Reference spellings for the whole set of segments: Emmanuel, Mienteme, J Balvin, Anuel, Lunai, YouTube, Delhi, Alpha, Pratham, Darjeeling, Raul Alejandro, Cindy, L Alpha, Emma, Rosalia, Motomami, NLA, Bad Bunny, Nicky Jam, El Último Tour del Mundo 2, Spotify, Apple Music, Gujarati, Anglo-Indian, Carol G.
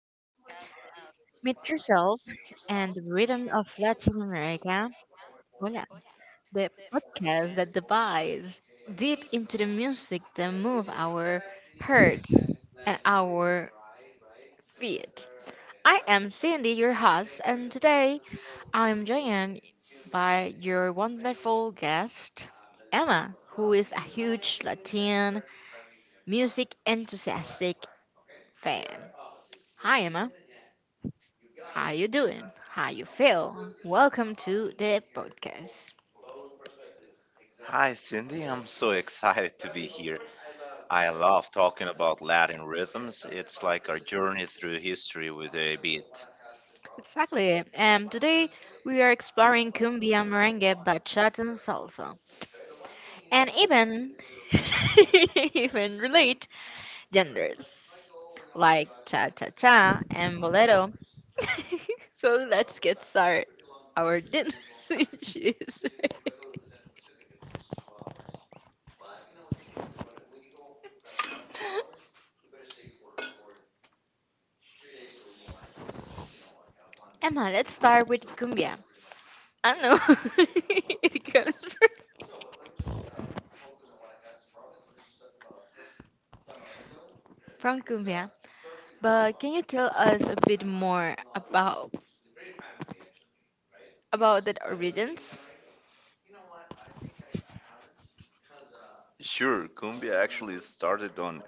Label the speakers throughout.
Speaker 1: of Meet Yourself and the Rhythm of Latin America. Hola, the podcast that dives deep into the music that move our hearts and our feet. I am Cindy, your host, and today I am joined by your wonderful guest, Emma, who is a huge Latin music enthusiastic fan. Hi Emma, how you doing? How you feel? Welcome to the podcast.
Speaker 2: Hi, Cindy. I'm so excited to be here. I love talking about Latin rhythms. It's like our journey through history with a beat.
Speaker 1: Exactly. Today we are exploring cumbia, merengue, bachata, and salsa, and even even relate genders like cha cha cha and bolero. So let's get started. Our dance issues. Emma, let's start with cumbia. I know it comes from cumbia. But can you tell us a bit more about the origins?
Speaker 2: Sure, cumbia actually started on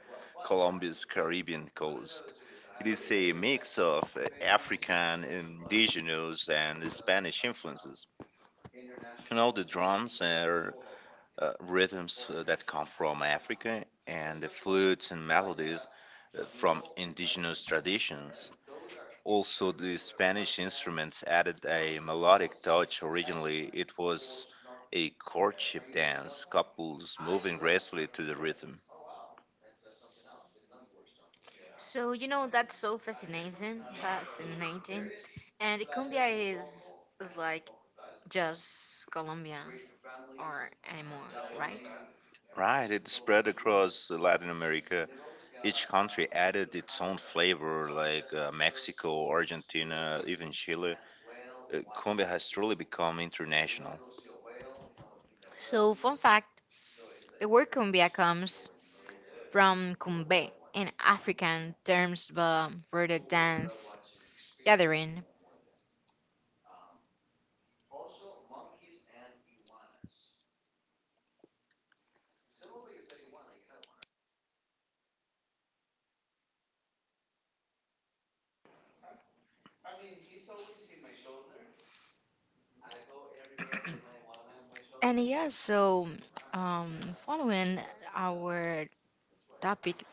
Speaker 2: Colombia's Caribbean coast. It is a mix of African, indigenous, and Spanish influences. You know, the drums are rhythms that come from Africa, and the flutes and melodies from indigenous traditions. Also, the Spanish instruments added a melodic touch. Originally, it was a courtship dance, couples moving gracefully to the rhythm.
Speaker 1: So you know that's so fascinating, and cumbia is like just Colombia or anymore, right?
Speaker 2: Right, it spread across Latin America. Each country added its own flavor, like Mexico, Argentina, even Chile. Cumbia has truly become international.
Speaker 1: So fun fact: the word cumbia comes from cumbe in African terms but for the dance gathering. And yeah, so following our topic,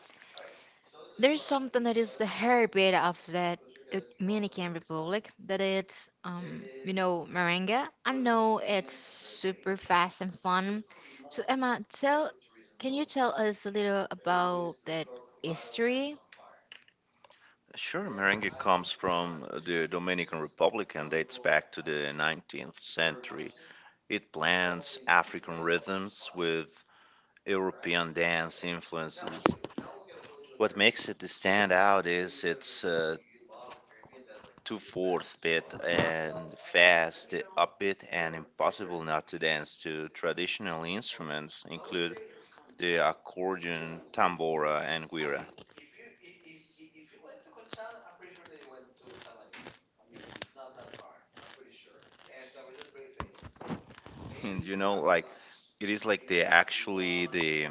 Speaker 1: there's something that is the hairbit of that Dominican Republic that it's you know merengue. I know it's super fast and fun. So Emma, tell can you tell us a little about that history?
Speaker 2: Sure, merengue comes from the Dominican Republic and dates back to the 19th century. It blends African rhythms with European dance influences. What makes it stand out is its two-fourth beat and fast upbeat and impossible not to dance to. Traditional instruments include the accordion, tambora, and guira. and you know, like, it is like, the actually, the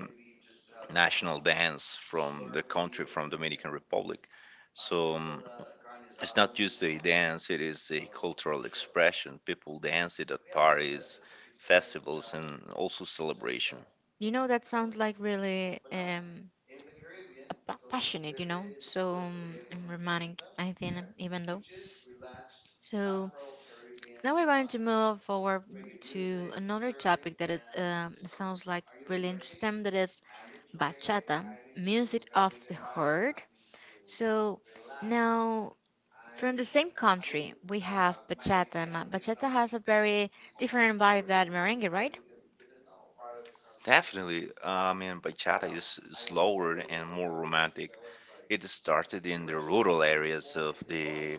Speaker 2: national dance from the country, from Dominican Republic. So it's not just a dance, it is a cultural expression. People dance it at parties, festivals, and also celebration.
Speaker 1: You know that sounds like really a passionate, you know, so and romantic. I think even though so. Now we're going to move forward to another topic that it sounds like really interesting. That is bachata, music of the heart. So now from the same country we have bachata. Bachata has a very different vibe than merengue, right?
Speaker 2: Definitely. I mean, bachata is slower and more romantic. It started in the rural areas of the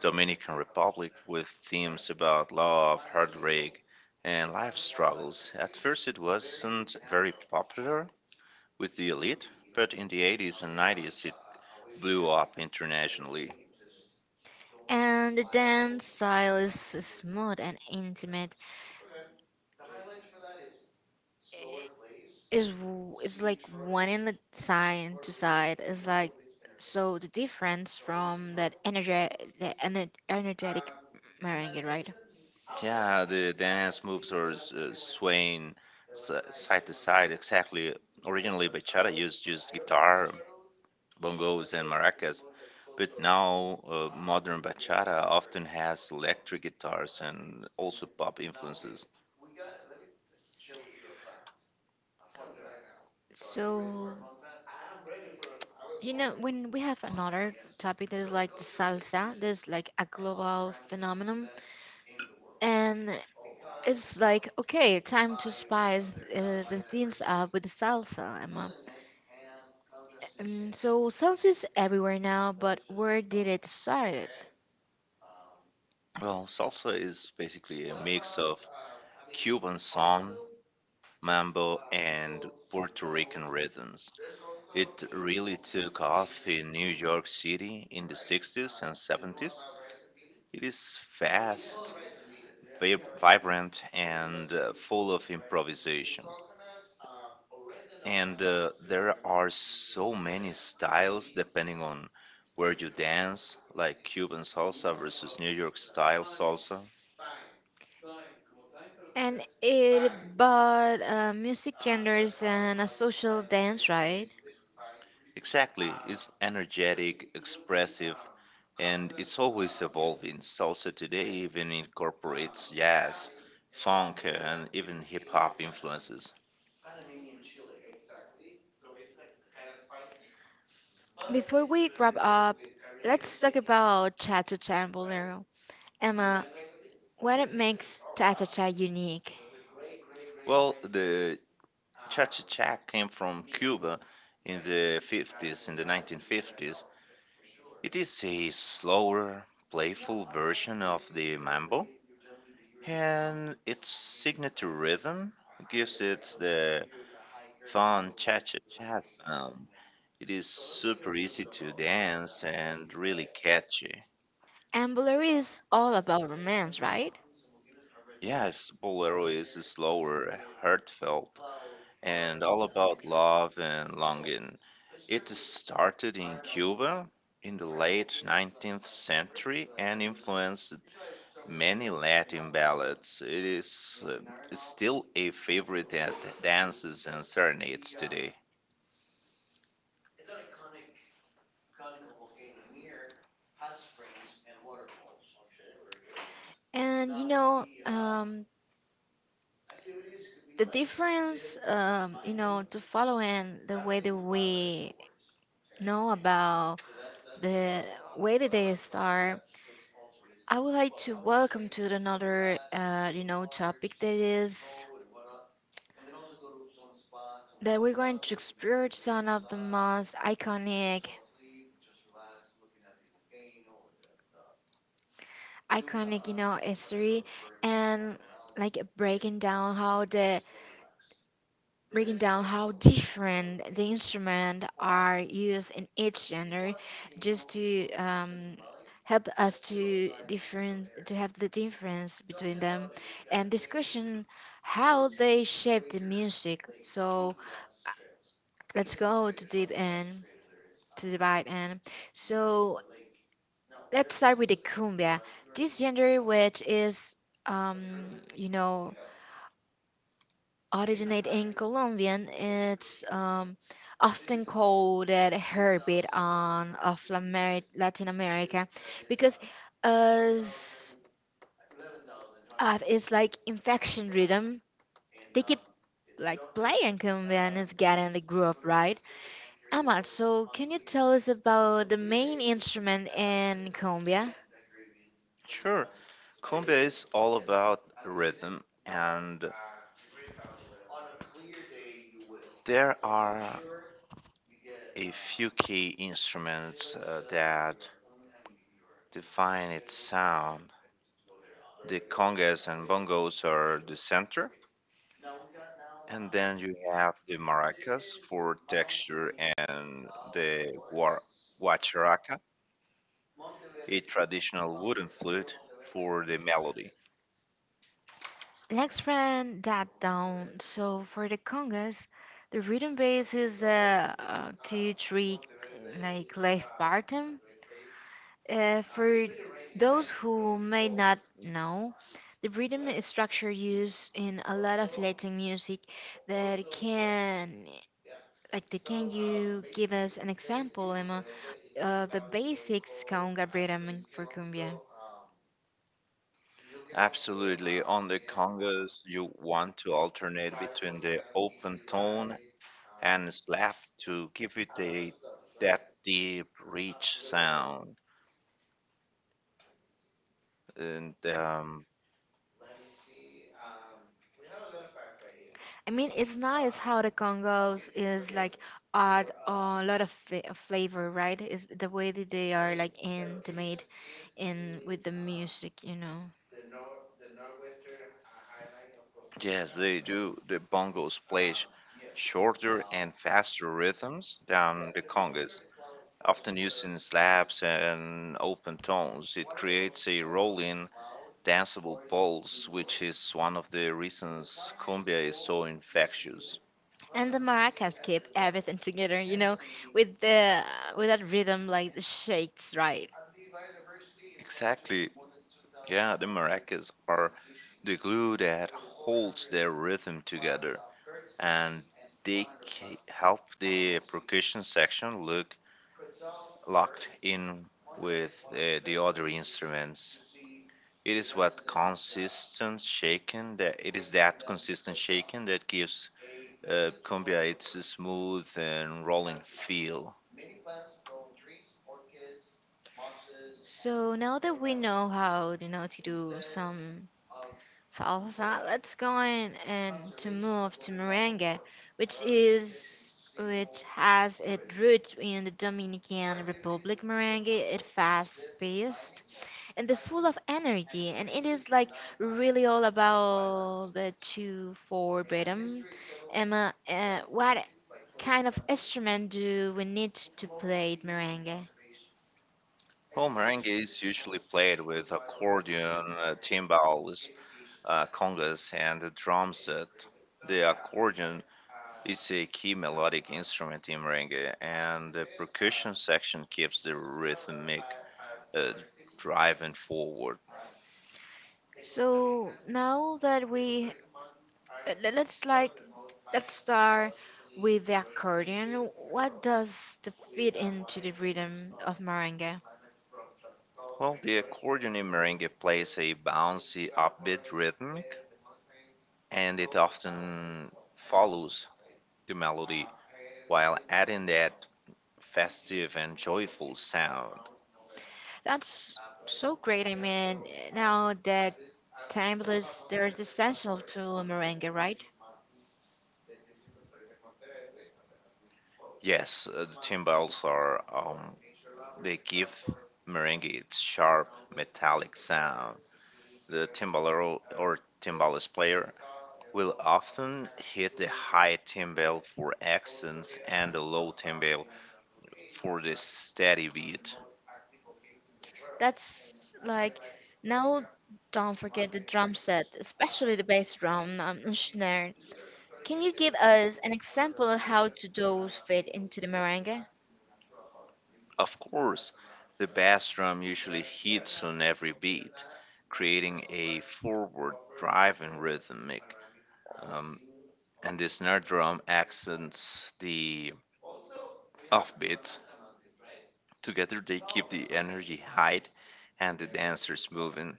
Speaker 2: Dominican Republic with themes about love, heartbreak, and life struggles. At first, it wasn't very popular with the elite, but in the 80s and 90s, it blew up internationally.
Speaker 1: And the dance style is smooth and intimate. I- Is is like one in the side to side. It's like so the difference from that energy, the energetic merengue, right?
Speaker 2: Yeah, the dance moves are swaying side to side, exactly. Originally, bachata used just guitar, bongos, and maracas, but now modern bachata often has electric guitars and also pop influences.
Speaker 1: So you know when we have another topic that is like the salsa, there's like a global phenomenon, and it's like okay, time to spice the things up with the salsa, Emma. So salsa is everywhere now, but where did it start?
Speaker 2: Well, salsa is basically a mix of Cuban son, mambo, and Puerto Rican rhythms. It really took off in New York City in the 60s and 70s. It is fast, vibrant, and full of improvisation. And there are so many styles depending on where you dance, like Cuban salsa versus New York style salsa.
Speaker 1: And it but music genders and a social dance, right?
Speaker 2: Exactly. It's energetic, expressive, and it's always evolving. Salsa today even incorporates jazz, funk, and even hip hop influences.
Speaker 1: Before we wrap up, let's talk about Cha-Cha Cha Bolero. Emma, what it makes Cha-Cha Cha unique?
Speaker 2: Well, the cha cha cha came from Cuba in the 50s, in the 1950s. It is a slower, playful version of the mambo, and its signature rhythm gives it the fun cha cha cha. It is super easy to dance and really catchy.
Speaker 1: And Bolero is all about romance, right?
Speaker 2: Yes, Bolero is slower, heartfelt, and all about love and longing. It started in Cuba in the late 19th century and influenced many Latin ballads. It is still a favorite at dances and serenades today.
Speaker 1: And you know, the difference, you know, to follow in the way that we know about the way that they start, I would like to welcome to another, you know, topic that is that we're going to explore some of the most iconic, you know, history and like breaking down how different the instruments are used in each genre just to help us to different to have the difference between them and this question how they shape the music so uh, let's go to deep end to the right end. So let's start with the cumbia, this genre which is um you know originate in Colombian. It's often called a heartbeat on of Latin America because as it's like infection rhythm. They keep like playing Colombian is getting the groove right. Amal, so can you tell us about the main instrument in Colombia?
Speaker 2: Sure. Cumbia is all about rhythm, and there are a few key instruments that define its sound. The congas and bongos are the center, and then you have the maracas for texture, and the guacharaca, a traditional wooden flute, for the melody.
Speaker 1: Let's run that down. So for the congas, the rhythm base is the 2-3 like left bottom. For those who may not know, the rhythm is structure used in a lot of Latin music. That can like, the, can you give us an example, Emma, of the basics conga rhythm for cumbia?
Speaker 2: Absolutely. On the congos, you want to alternate between the open tone and slap to give it a that deep, rich sound. And
Speaker 1: I mean, it's nice how the Congos is like add a lot of flavor, right? Is the way that they are like intimate in with the music, you know.
Speaker 2: Yes, they do. The bongos play shorter and faster rhythms than the congas. Often using slaps and open tones, it creates a rolling danceable poles, which is one of the reasons cumbia is so infectious.
Speaker 1: And the maracas keep everything together, you know, with the with that rhythm like the shakes, right?
Speaker 2: Exactly. Yeah, the maracas are the glue that holds their rhythm together, and they help the percussion section look locked in with the other instruments. It is that consistent shaking that gives cumbia its smooth and rolling feel.
Speaker 1: So now that we know how you know to do some. So also, let's go in and to move to Merengue, which has its roots in the Dominican Republic. Merengue it fast paced and the full of energy, and it is like really all about the 2/4 rhythm. Emma, what kind of instrument do we need to play merengue?
Speaker 2: Home merengue is usually played with accordion, timbales, congas, and a drum set. The accordion is a key melodic instrument in merengue, and the percussion section keeps the rhythmic uh, driving forward.
Speaker 1: So now that we let's like let's start with the accordion. What does the fit into the rhythm of merengue?
Speaker 2: Well, the accordion in merengue plays a bouncy, upbeat rhythmic, and it often follows the melody while adding that festive and joyful sound.
Speaker 1: That's so great. I mean, now that timeless, there's essential to merengue, right?
Speaker 2: Yes, the timbales are, they give merengue its sharp metallic sound. The timbalero or timbales player will often hit the high timbale for accents and the low timbale for the steady beat.
Speaker 1: That's like now. Don't forget the drum set, especially the bass drum and snare. Can you give us an example of how to those fit into the merengue?
Speaker 2: Of course, the bass drum usually hits on every beat, creating a forward driving rhythmic. Um, and the snare drum accents the offbeat. Together, they keep the energy high and the dancers moving.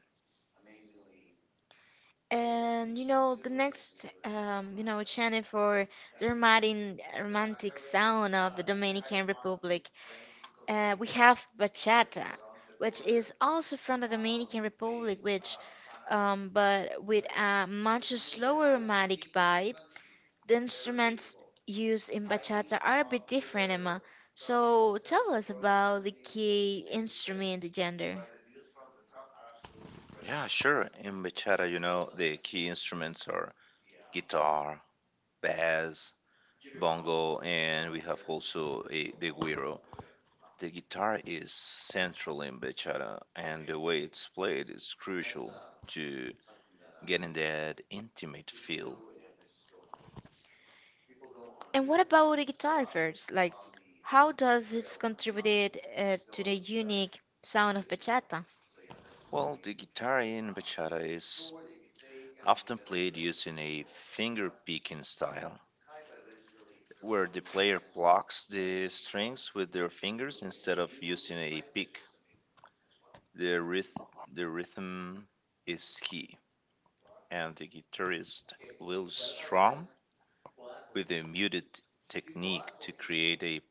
Speaker 1: And you know, the next, you know, channel for the romantic sound of the Dominican Republic, we have bachata, which is also from the Dominican Republic, which, but with a much slower romantic vibe. The instruments used in bachata are a bit different, Emma. So tell us about the key instrument, the gender.
Speaker 2: Yeah, sure. In bachata, you know, the key instruments are guitar, bass, bongo, and we have also a, the güiro. The guitar is central in bachata, and the way it's played is crucial to getting that intimate feel.
Speaker 1: And what about the guitar first? Like, how does it contributed to the unique sound of bachata?
Speaker 2: Well, the guitar in bachata is often played using a finger picking style, where the player plucks the strings with their fingers instead of using a pick. The, ryth- the rhythm is key, and the guitarist will strom with a muted technique to create a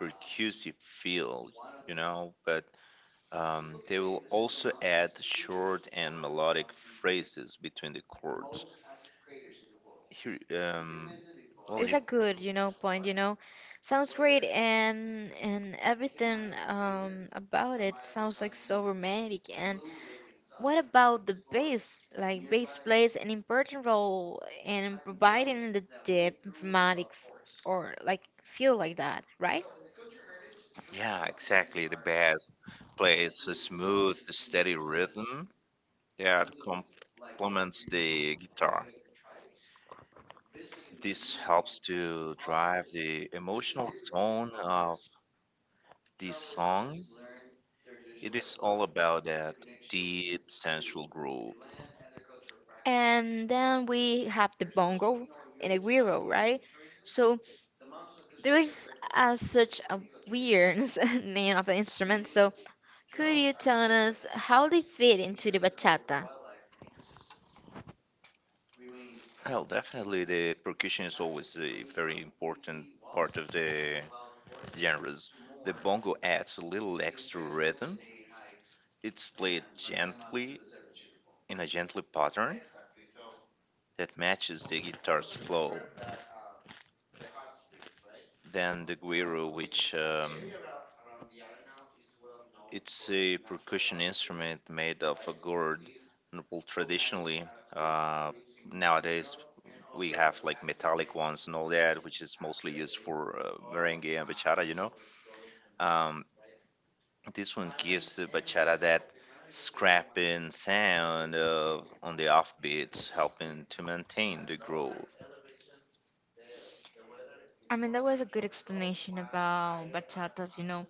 Speaker 2: percussive feel, you know, but they will also add short and melodic phrases between the chords. Here, um, well,
Speaker 1: It's
Speaker 2: you,
Speaker 1: a good, you know, point. You know, sounds great, and everything about it sounds like so romantic. And what about the bass? Like, bass plays an important role in providing the deep, dramatic, or like feel like that, right?
Speaker 2: yeah, exactly. The band plays a smooth, steady rhythm that complements the guitar. This helps to drive the emotional tone of the song. It is all about that deep, sensual groove.
Speaker 1: And then we have the bongo and the guiro, right? So there is such a weird name of the instrument, so could you tell us how they fit into the bachata?
Speaker 2: Well, definitely the percussion is always a very important part of the genres. The bongo adds a little extra rhythm. It's played gently in a gently pattern that matches the guitar's flow. Then the guiro, which it's a percussion instrument made of a gourd. Well, traditionally, uh, nowadays we have like metallic ones and all that, which is mostly used for merengue and bachata. You know, um, this one gives the bachata that scrapping sound of on the off beats, helping to maintain the groove.
Speaker 1: I mean, that was a good explanation about bachatas, you know.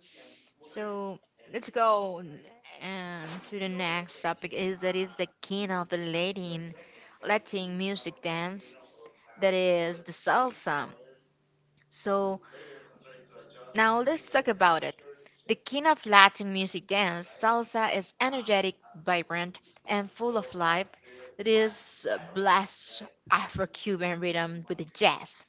Speaker 1: So let's go n- and to the next topic is that is the king of the Latin music dance that is the salsa. So now let's talk about it. The king of Latin music dance, salsa is energetic, vibrant, and full of life. It is a blessed Afro-Cuban rhythm with the jazz,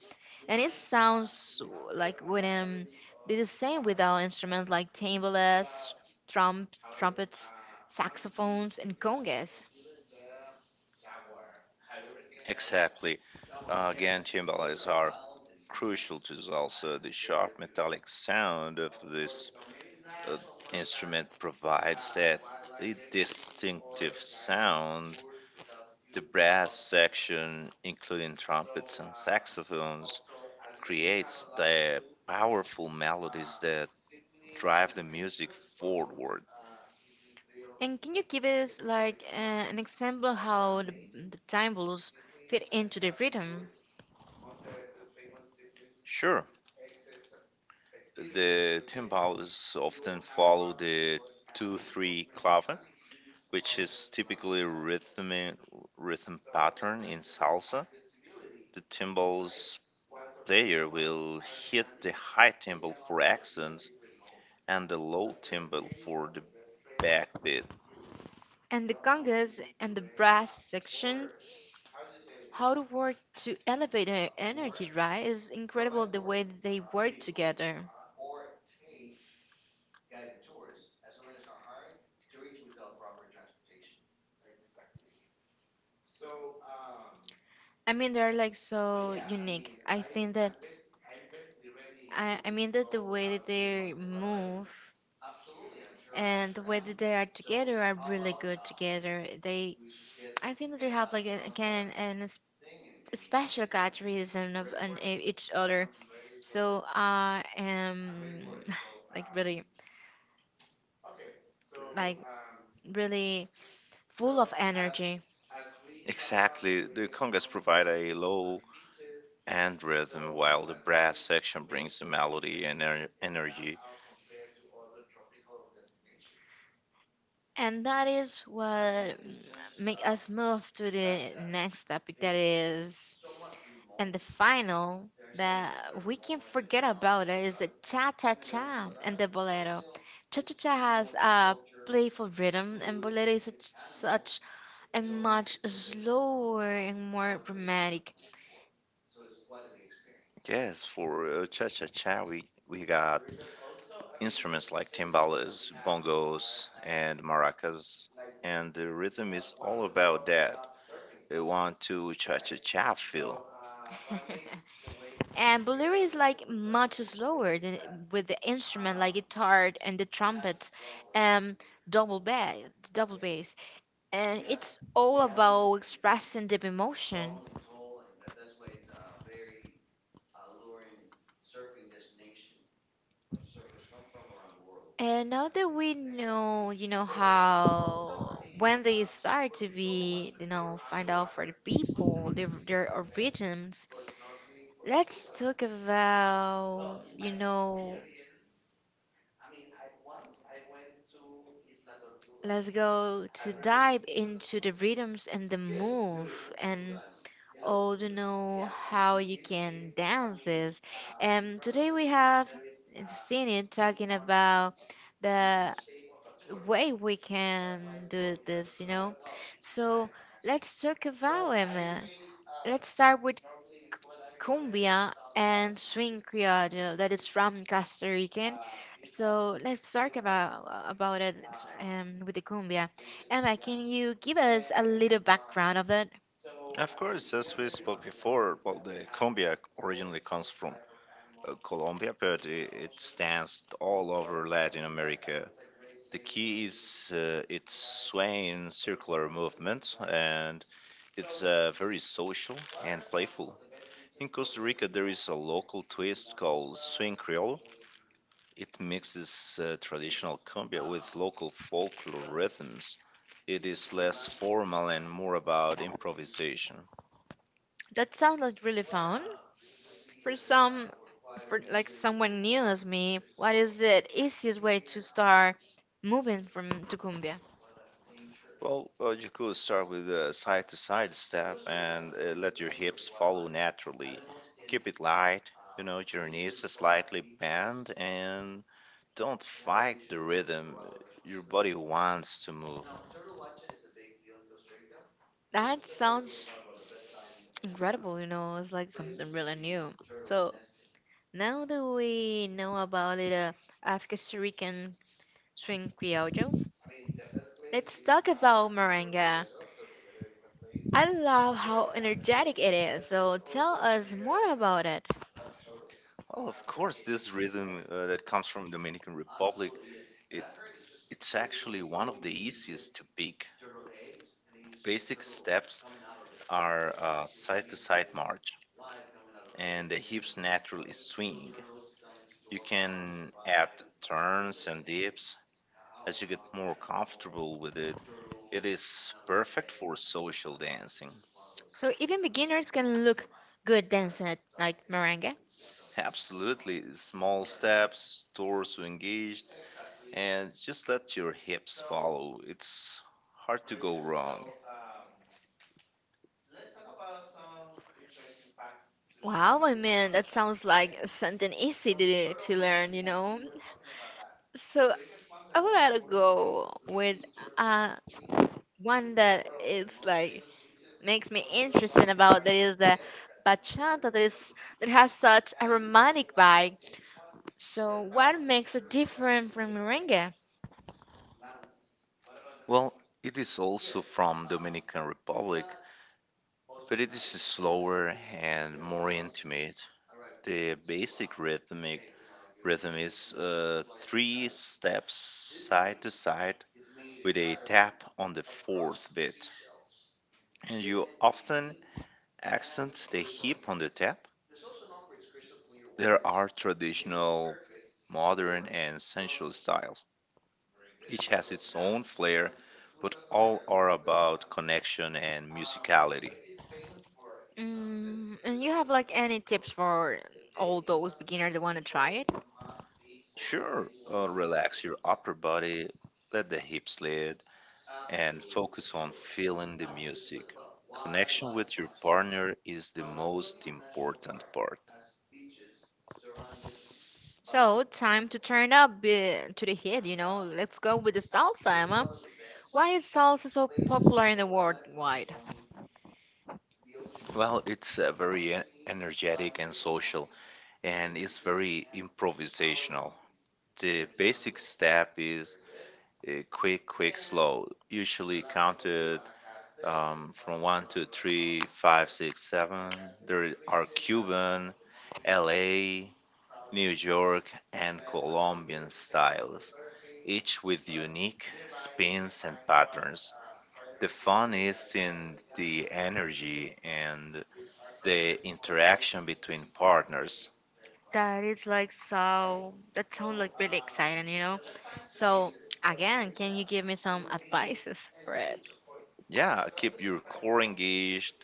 Speaker 1: and it sounds like rhythm. Be the same with our instruments like timbales, trump, trumpets, saxophones, and congas.
Speaker 2: Exactly. Again, timbales are crucial to salsa. The sharp metallic sound of this uh, instrument provides that a distinctive sound. The brass section, including trumpets and saxophones, creates the powerful melodies that drive the music forward.
Speaker 1: And can you give us like an example how the timbalets fit into the rhythm?
Speaker 2: Sure. The timbales often follow the 2-3 clave, which is typically a rhythm pattern in salsa. The timbales player will hit the high timbal for accents and the low timbal for the backbeat.
Speaker 1: And the congas and the brass section, how to work to elevate their energy, right? It's incredible the way they work together. I mean, they're like so unique. I think that I mean that the way that they move and the way that they are together are really good together. They I think that we have like a, again an a special characterism of an, a, each other. So I am like really like really full of energy.
Speaker 2: Exactly. The congas provide a low and rhythm, while the brass section brings the melody and energy.
Speaker 1: And that is what make us move to the next topic that is and the final that we can forget about it is the cha cha cha and the bolero. Cha cha cha has a playful rhythm, and bolero is such and much slower and more dramatic.
Speaker 2: Yes, for cha cha cha, we got instruments like timbales, bongos, and maracas, and the rhythm is all about that. They want to cha cha cha feel.
Speaker 1: And bolero is like much slower than with the instrument like guitar and the trumpet, um, double bass, double bass, and it's all about expressing deep emotion. And now that we know, you know, how when they start to be, you know, find out for the people their origins, let's talk about, you know, let's go to dive into the rhythms and the move and all to know how you can dance this. And today we have Senior talking about the way we can do this, you know. So let's talk about him. Let's start with cumbia and swing criollo that is from Costa Rican. So let's talk about it with the cumbia. Emma, can you give us a little background of it?
Speaker 2: Of course, as we spoke before, well, the cumbia originally comes from Colombia, but it stands all over Latin America. The key is its swaying circular movement, and it's very social and playful. In Costa Rica, there is a local twist called swing creole. It mixes traditional cumbia with local folklore rhythms. It is less formal and more about improvisation.
Speaker 1: That sounds like really fun for some, for like someone new as me. What is the easiest way to start moving from to cumbia?
Speaker 2: Well, you could start with a side to side step and let your hips follow naturally. Keep it light, you know, your knees slightly bent, and don't fight the rhythm. Your body wants to move.
Speaker 1: That sounds incredible. You know, it's like something really new. So now that we know about it, of Costa Rican Swing Trinquillo. Let's talk about merengue. I love how energetic it is, so tell us more about it.
Speaker 2: Well, of course, this rhythm that comes from Dominican Republic, it it's actually one of the easiest to pick. Basic steps are side to side march, and the hips naturally swing. You can add turns and dips as you get more comfortable with it. It is perfect for social dancing.
Speaker 1: So even beginners can look good dancing at like merengue.
Speaker 2: Absolutely. Small steps, doors to engaged, and just let your hips follow. It's hard to go wrong.
Speaker 1: Wow, I mean that sounds like something easy to learn, you know. So I would rather go with uh one that is like makes me interested about that is the bachata that is that has such a romantic vibe. So, what makes it different from merengue?
Speaker 2: Well, it is also from Dominican Republic, but it is slower and more intimate. The basic rhythm is three steps side to side with a tap on the fourth beat. And you often accent the hip on the tap. There are traditional, modern, and sensual styles. Each has its own flair, but all are about connection and musicality.
Speaker 1: Mm, and you have like any tips for all those beginners that want to try it?
Speaker 2: Sure, relax your upper body, let the hips lead, and focus on feeling the music. Connection with your partner is the most important part.
Speaker 1: So, time to turn up to the heat, you know. Let's go with the salsa, Emma. Why is salsa so popular in the world wide?
Speaker 2: Well, it's very energetic and social, and it's very improvisational. The basic step is quick, quick, slow, usually counted from one, two, three, five, six, seven. There are Cuban, LA, New York, and Colombian styles, each with unique spins and patterns. The fun is in the energy and the interaction between partners.
Speaker 1: That is like so. That sounds like really exciting, you know? So, again, can you give me some advices for it?
Speaker 2: Yeah, keep your core engaged,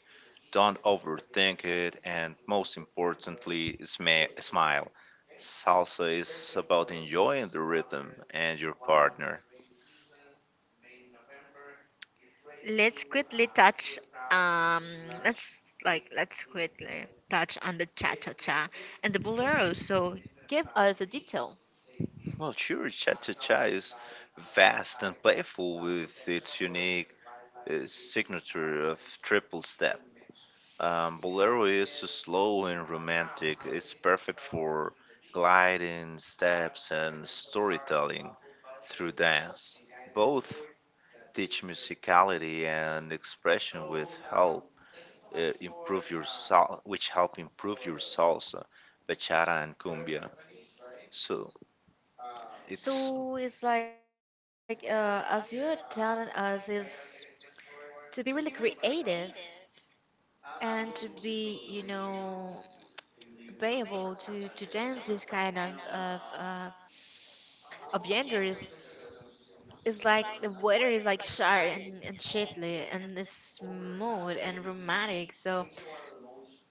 Speaker 2: don't overthink it, and most importantly, smile. Salsa is about enjoying the rhythm and your partner.
Speaker 1: Let's quickly touch um let's quickly touch on the cha cha cha and the bolero. So give us a detail.
Speaker 2: Well, sure, cha-cha-cha is vast and playful with its unique signature of triple step. Bolero is slow and romantic. It's perfect for gliding steps and storytelling through dance. Both teach musicality and expression with help which help improve your salsa, bachata and cumbia. So it's...
Speaker 1: So it's like as you're telling us is to be really creative and to be be able to dance this kind of of genders. It's like the weather is like sharp and shitly, and it's smooth and romantic. So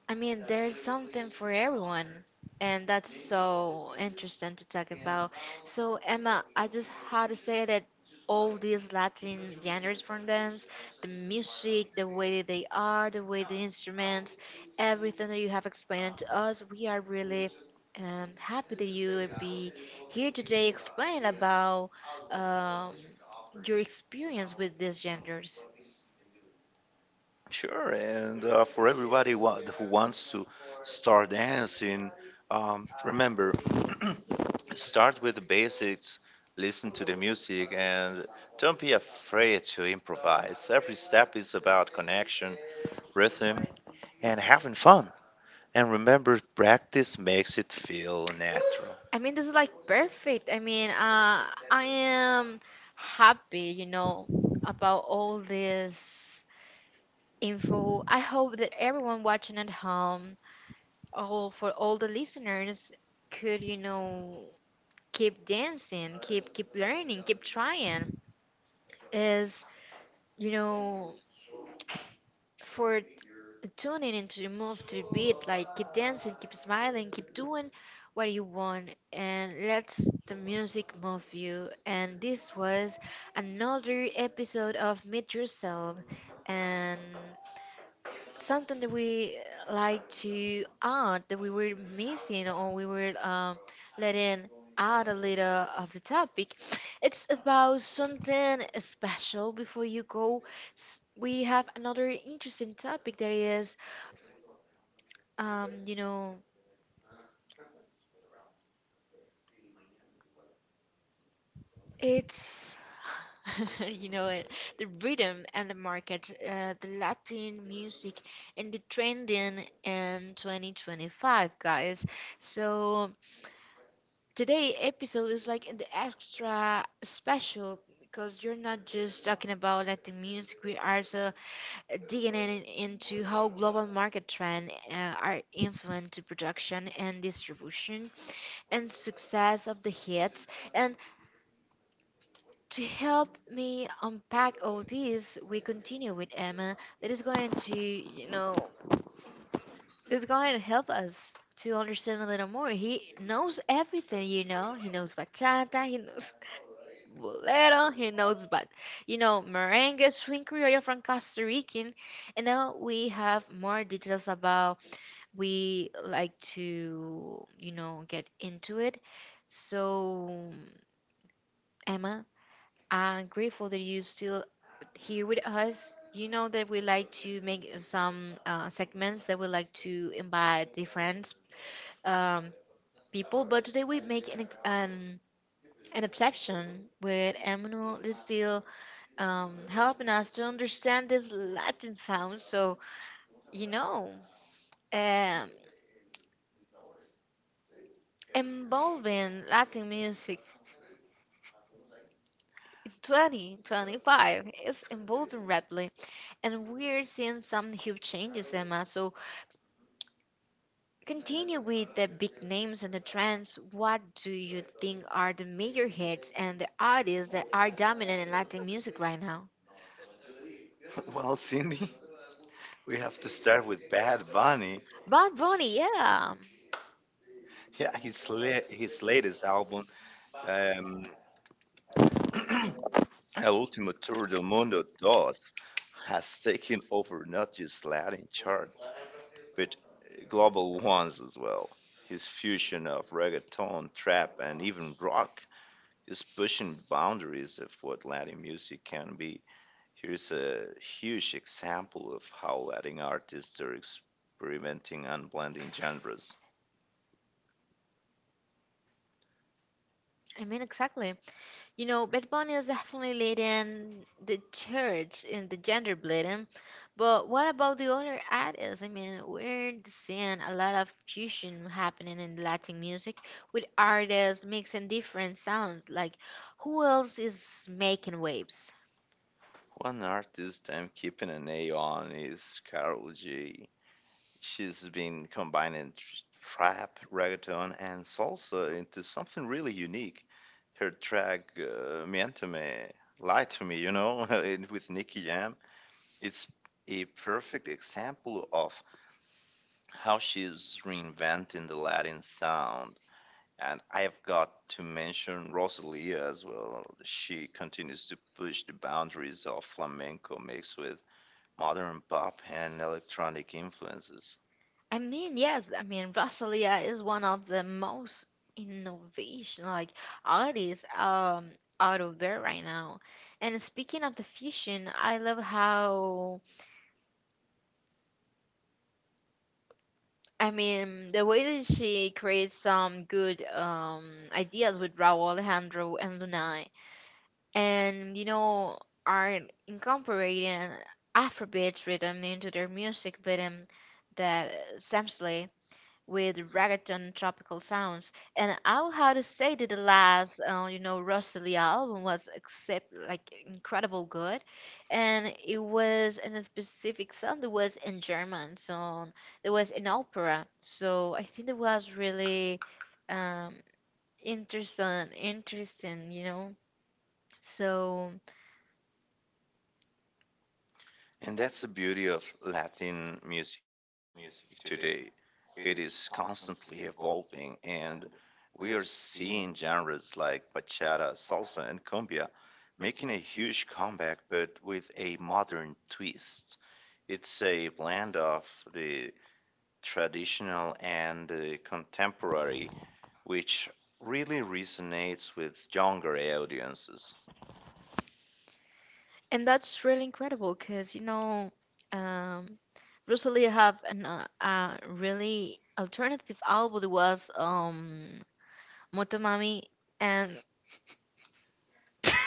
Speaker 1: I mean, there's something for everyone, and that's so interesting to talk about. So, Emma, I just had to say that all these Latin genres from dance, the music, the way that they are, the way the instruments, everything that you have explained to us, we are really happy that you would be here today explaining about um, your experience with these genres.
Speaker 2: Sure, and for everybody who wants to start dancing, remember, start with the basics, listen to the music, and don't be afraid to improvise. Every step is about connection, rhythm, and having fun. And remember, practice makes it feel natural.
Speaker 1: I mean, this is like perfect. I mean, I am happy, you know, about all this info. I hope that everyone watching at home, all for all the listeners, could, you know, keep dancing, keep learning, keep trying. Is you know for tune in and to move to the beat. Like keep dancing, keep smiling, keep doing what you want, and let the music move you. And this was another episode of Meet Yourself, and something that we like to add that we were missing or we were letting out a little of the topic. It's about something special before you go we have another interesting topic that is you know, it's you know it, the rhythm and the market, the Latin music and the trending in 2025, guys. So today episode is like the extra special because you're not just talking about Latin music. We are also digging in into how global market trends are influenced to production and distribution and success of the hits. And to help me unpack all this, we continue with Emma. That is going to, you know, that's going to help us to understand a little more. He knows everything, you know. He knows bachata, he knows bolero, he knows, but you know, merengue, swing criollo from Costa Rican. And now we have more details about we like to, you know, get into it. So, Emma, I'm grateful that you're still here with us. You know that we like to make some segments that we like to invite different um, people, but today we make an an exception with Emmanuel is still helping us to understand this Latin sound. So you know, um, involving Latin music in 2025 is involving rapidly, and we're seeing some huge changes, Emma. So continue with the big names and the trends. What do you think are the major hits and the artists that are dominant in Latin music right now?
Speaker 2: well, Cindy, we have to start with Bad Bunny.
Speaker 1: Bad Bunny, yeah.
Speaker 2: Yeah, his latest album. Um, El Último Tour del Mundo 2 has taken over not just Latin charts, but global ones as well. His fusion of reggaeton, trap, and even rock is pushing boundaries of what Latin music can be. Here's a huge example of how Latin artists are experimenting and blending genres.
Speaker 1: I mean, exactly. You know, Bad Bunny is definitely leading the church in the gender bleeding. But what about the other artists? I mean, we're seeing a lot of fusion happening in Latin music with artists mixing different sounds. Like, who else is making waves?
Speaker 2: One artist I'm keeping an eye on is Carol G. She's been combining trap, reggaeton, and salsa into something really unique. Her track "Mienteme," "Lie to Me," with Nicky Jam, it's a perfect example of how she's reinventing the Latin sound. And I've got to mention Rosalia as well. She continues to push the boundaries of flamenco mixed with modern pop and electronic influences.
Speaker 1: I mean, yes, I mean, Rosalia is one of the most innovation like artists out of there right now. And speaking of the fusion, I love how I mean the way that she creates some good ideas with Raul Alejandro and Lunai. And you know, are incorporating Afrobeats rhythm into their music rhythm that Sam Slay, with reggaeton tropical sounds. And I'll have to say that the last, you know, Rosalia album was except like incredible good, and it was in a specific song that was in German, so there was in opera. So I think it was really um, interesting, interesting, you know. So.
Speaker 2: And that's the beauty of Latin music today. It is constantly evolving, and we are seeing genres like bachata, salsa, and cumbia making a huge comeback but with a modern twist. It's a blend of the traditional and the contemporary, which really resonates with younger audiences.
Speaker 1: And that's really incredible because, you know, um, Rosalie have an, a really alternative album that was Motomami. And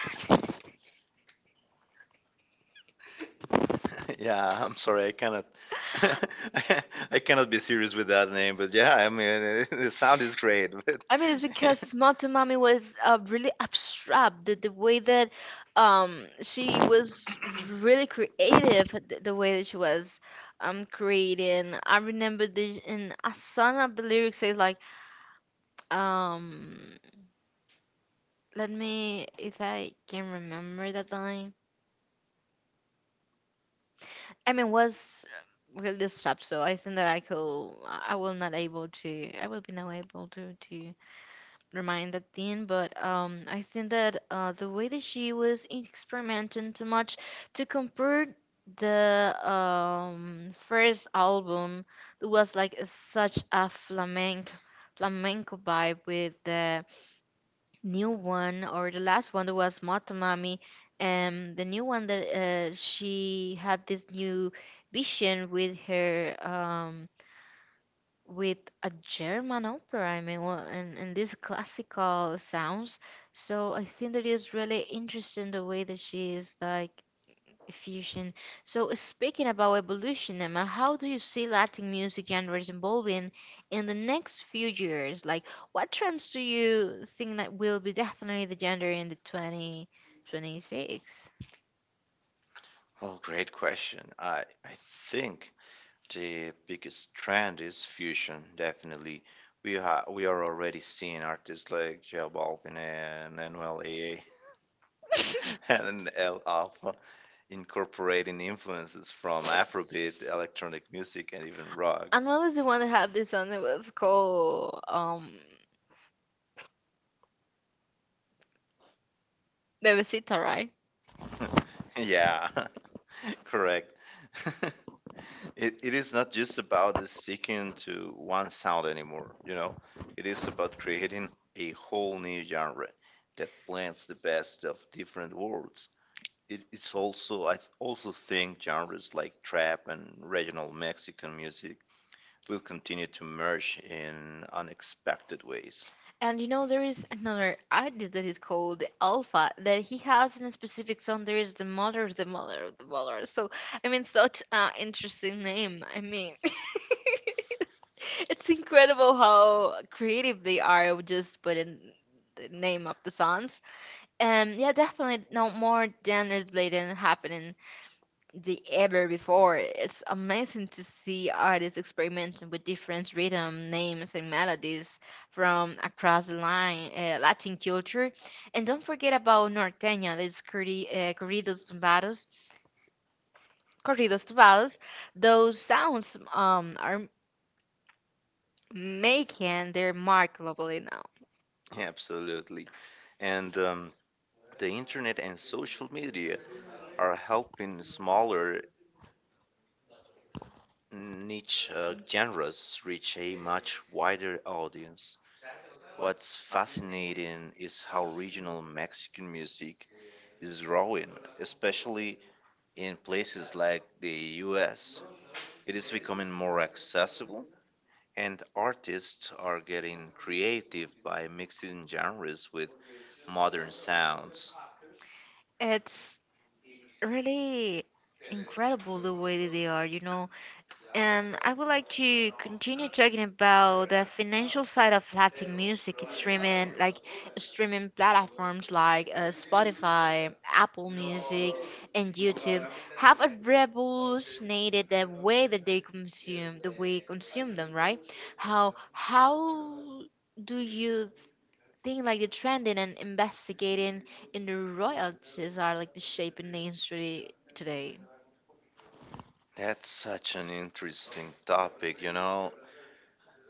Speaker 2: Yeah, I'm sorry, I cannot, I I cannot be serious with that name, but yeah, I mean, the sound is great. But
Speaker 1: I mean, it's because Motomami was really abstract, the way that she was really creative, the way that she was creating. I remember the, in a song of the lyrics says like, um let me, if I can remember the time. I mean, was really stopped, so I think that I could, I will not able to, I will be not able to remind that thing. But I think that the way that she was experimenting too much to compare the first album that was like such a flamenco vibe with the new one or the last one that was Motomami, the new one that she had this new vision with her with a German opera. I mean, well, and these classical sounds. So I think that is really interesting the way that she is like fusion. So speaking about evolution, Emma, how do you see Latin music genres evolving in the next few years? Like, what trends do you think that will be definitely the genre in the 2026?
Speaker 2: well, great question. I think the biggest trend is fusion. Definitely, we are already seeing artists like J Balvin and NLA and L Alpha incorporating influences from Afrobeat, electronic music, and even rock.
Speaker 1: Anuel is the one that had this song that was called Bebecita, right?
Speaker 2: Yeah, correct. It is not just about the sticking to one sound anymore, you know? It is about creating a whole new genre that blends the best of different worlds. It's also, also think genres like trap and regional Mexican music will continue to merge in unexpected ways.
Speaker 1: And you know, there is another artist that is called Alpha that he has in a specific song. There is the mother, the mother, the mother. So, I mean, such an interesting name. I mean, it's incredible how creative they are with just putting the name of the songs. And yeah, definitely no more gender blatant happening the ever before. It's amazing to see artists experimenting with different rhythm, names, and melodies from across the line, Latin culture. And don't forget about Norteña, these corridos tumbados, corridos tumbados. Those sounds are making their mark globally now.
Speaker 2: Yeah, absolutely. And the internet and social media are helping smaller niche genres reach a much wider audience. What's fascinating is how regional Mexican music is growing, especially in places like the US. It is becoming more accessible, and artists are getting creative by mixing genres with modern sounds.
Speaker 1: It's really incredible the way that they are, you know. And I would like to continue talking about the financial side of Latin music streaming, like streaming platforms like Spotify, Apple Music, and YouTube have revolutionated the way that they consume, the way consume them, right? How do you think like the trending and investigating in the royalties are like the shaping the industry today?
Speaker 2: That's such an interesting topic, you know.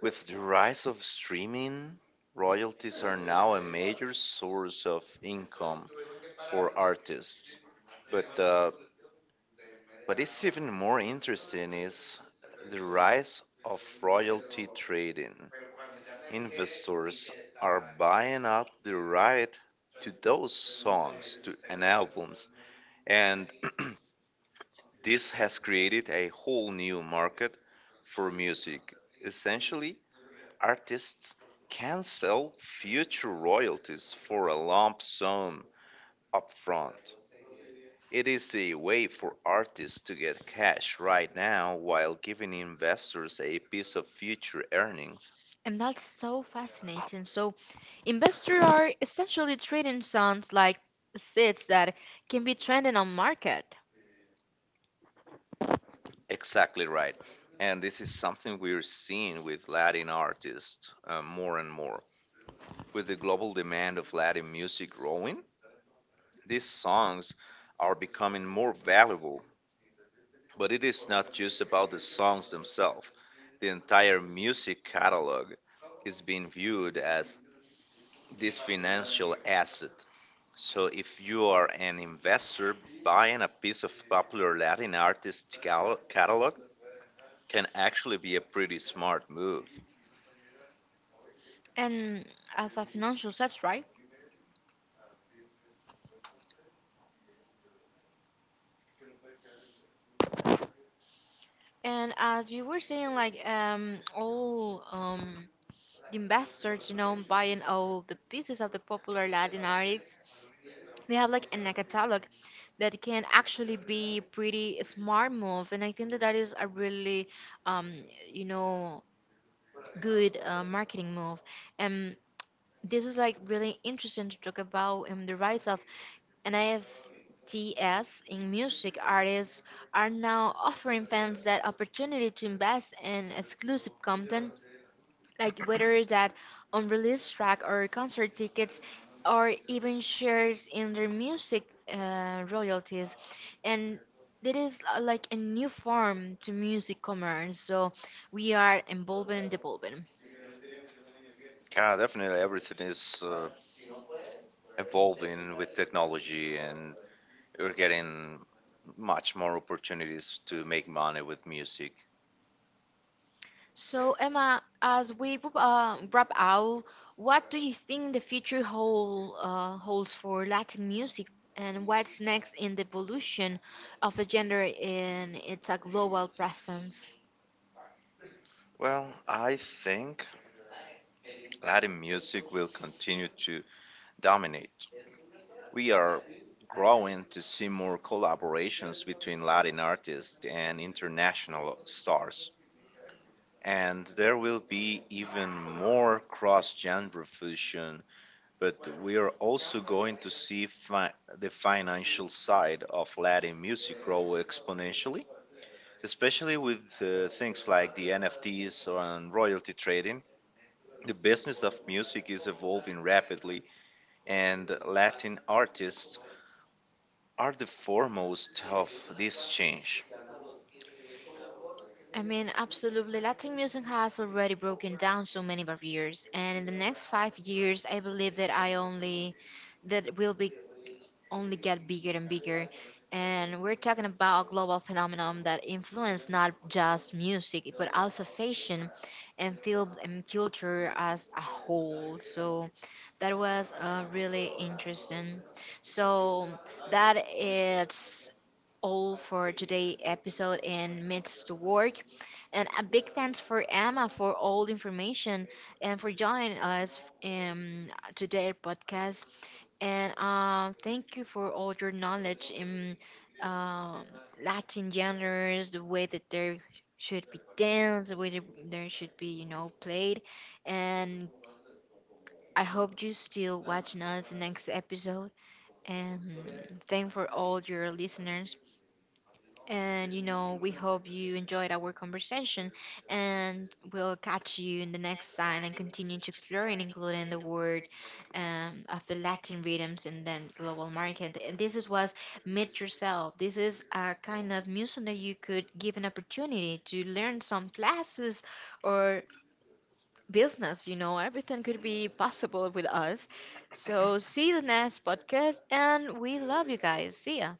Speaker 2: With the rise of streaming, royalties are now a major source of income for artists. But what is even more interesting is the rise of royalty trading. Investors are buying up the right to those songs to, and albums, and this has created a whole new market for music. Essentially, artists can sell future royalties for a lump sum upfront. It is a way for artists to get cash right now while giving investors a piece of future earnings.
Speaker 1: And that's so fascinating. So, investors are essentially trading sounds like seeds that can be trending on market
Speaker 2: Exactly right. And this is something we're seeing with Latin artists more and more. With the global demand of Latin music growing, these songs are becoming more valuable. But it is not just about the songs themselves. The entire music catalog is being viewed as this financial asset. So if you are an investor, buying a piece of popular Latin artist catalog can actually be a pretty smart move.
Speaker 1: and as a financial set, right? And as you were saying, like all the investors, you know, buying all the pieces of the popular Latin artists, they have like in a catalog that can actually be pretty smart move, and I think that that is a really, um, you know, good marketing move. And this is like really interesting to talk about the rise of T S in music. Artists are now offering fans that opportunity to invest in exclusive content, like whether it's that unreleased track or concert tickets or even shares in their music royalties. And that is like a new form to music commerce. So we are involved and devolved.
Speaker 2: Yeah, definitely everything is evolving with technology and we're getting much more opportunities to make money with music.
Speaker 1: So, Emma, as we wrap out, what do you think the future holds for Latin music, and what's next in the evolution of a genre in its a global presence?
Speaker 2: Well, I think Latin music will continue to dominate. We are growing to see more collaborations between Latin artists and international stars. And there will be even more cross genre fusion, but we are also going to see the financial side of Latin music grow exponentially, especially with things like the NFTs and royalty trading. The business of music is evolving rapidly and Latin artists are the foremost of this change.
Speaker 1: I mean, absolutely. Latin music has already broken down so many barriers, and in the next 5 years, I believe that I only that will be only get bigger and bigger. And we're talking about a global phenomenon that influenced not just music, but also fashion and film and culture as a whole. So that was really interesting. So that is all for today episode in Myths to Work. And a big thanks for Emma for all the information and for joining us in today' podcast. And thank you for all your knowledge in um, Latin genres, the way that they should be danced, the way that they should be, you know, played. And I hope you still watching us the next episode. And thank for all your listeners. And you know, we hope you enjoyed our conversation and we'll catch you in the next time and continue to explore and including the word of the Latin rhythms and then global market. And this is was Meet Yourself. This is a kind of museum that you could give an opportunity to learn some classes or business, you know, everything could be possible with us. So see you the next podcast and we love you guys. See ya.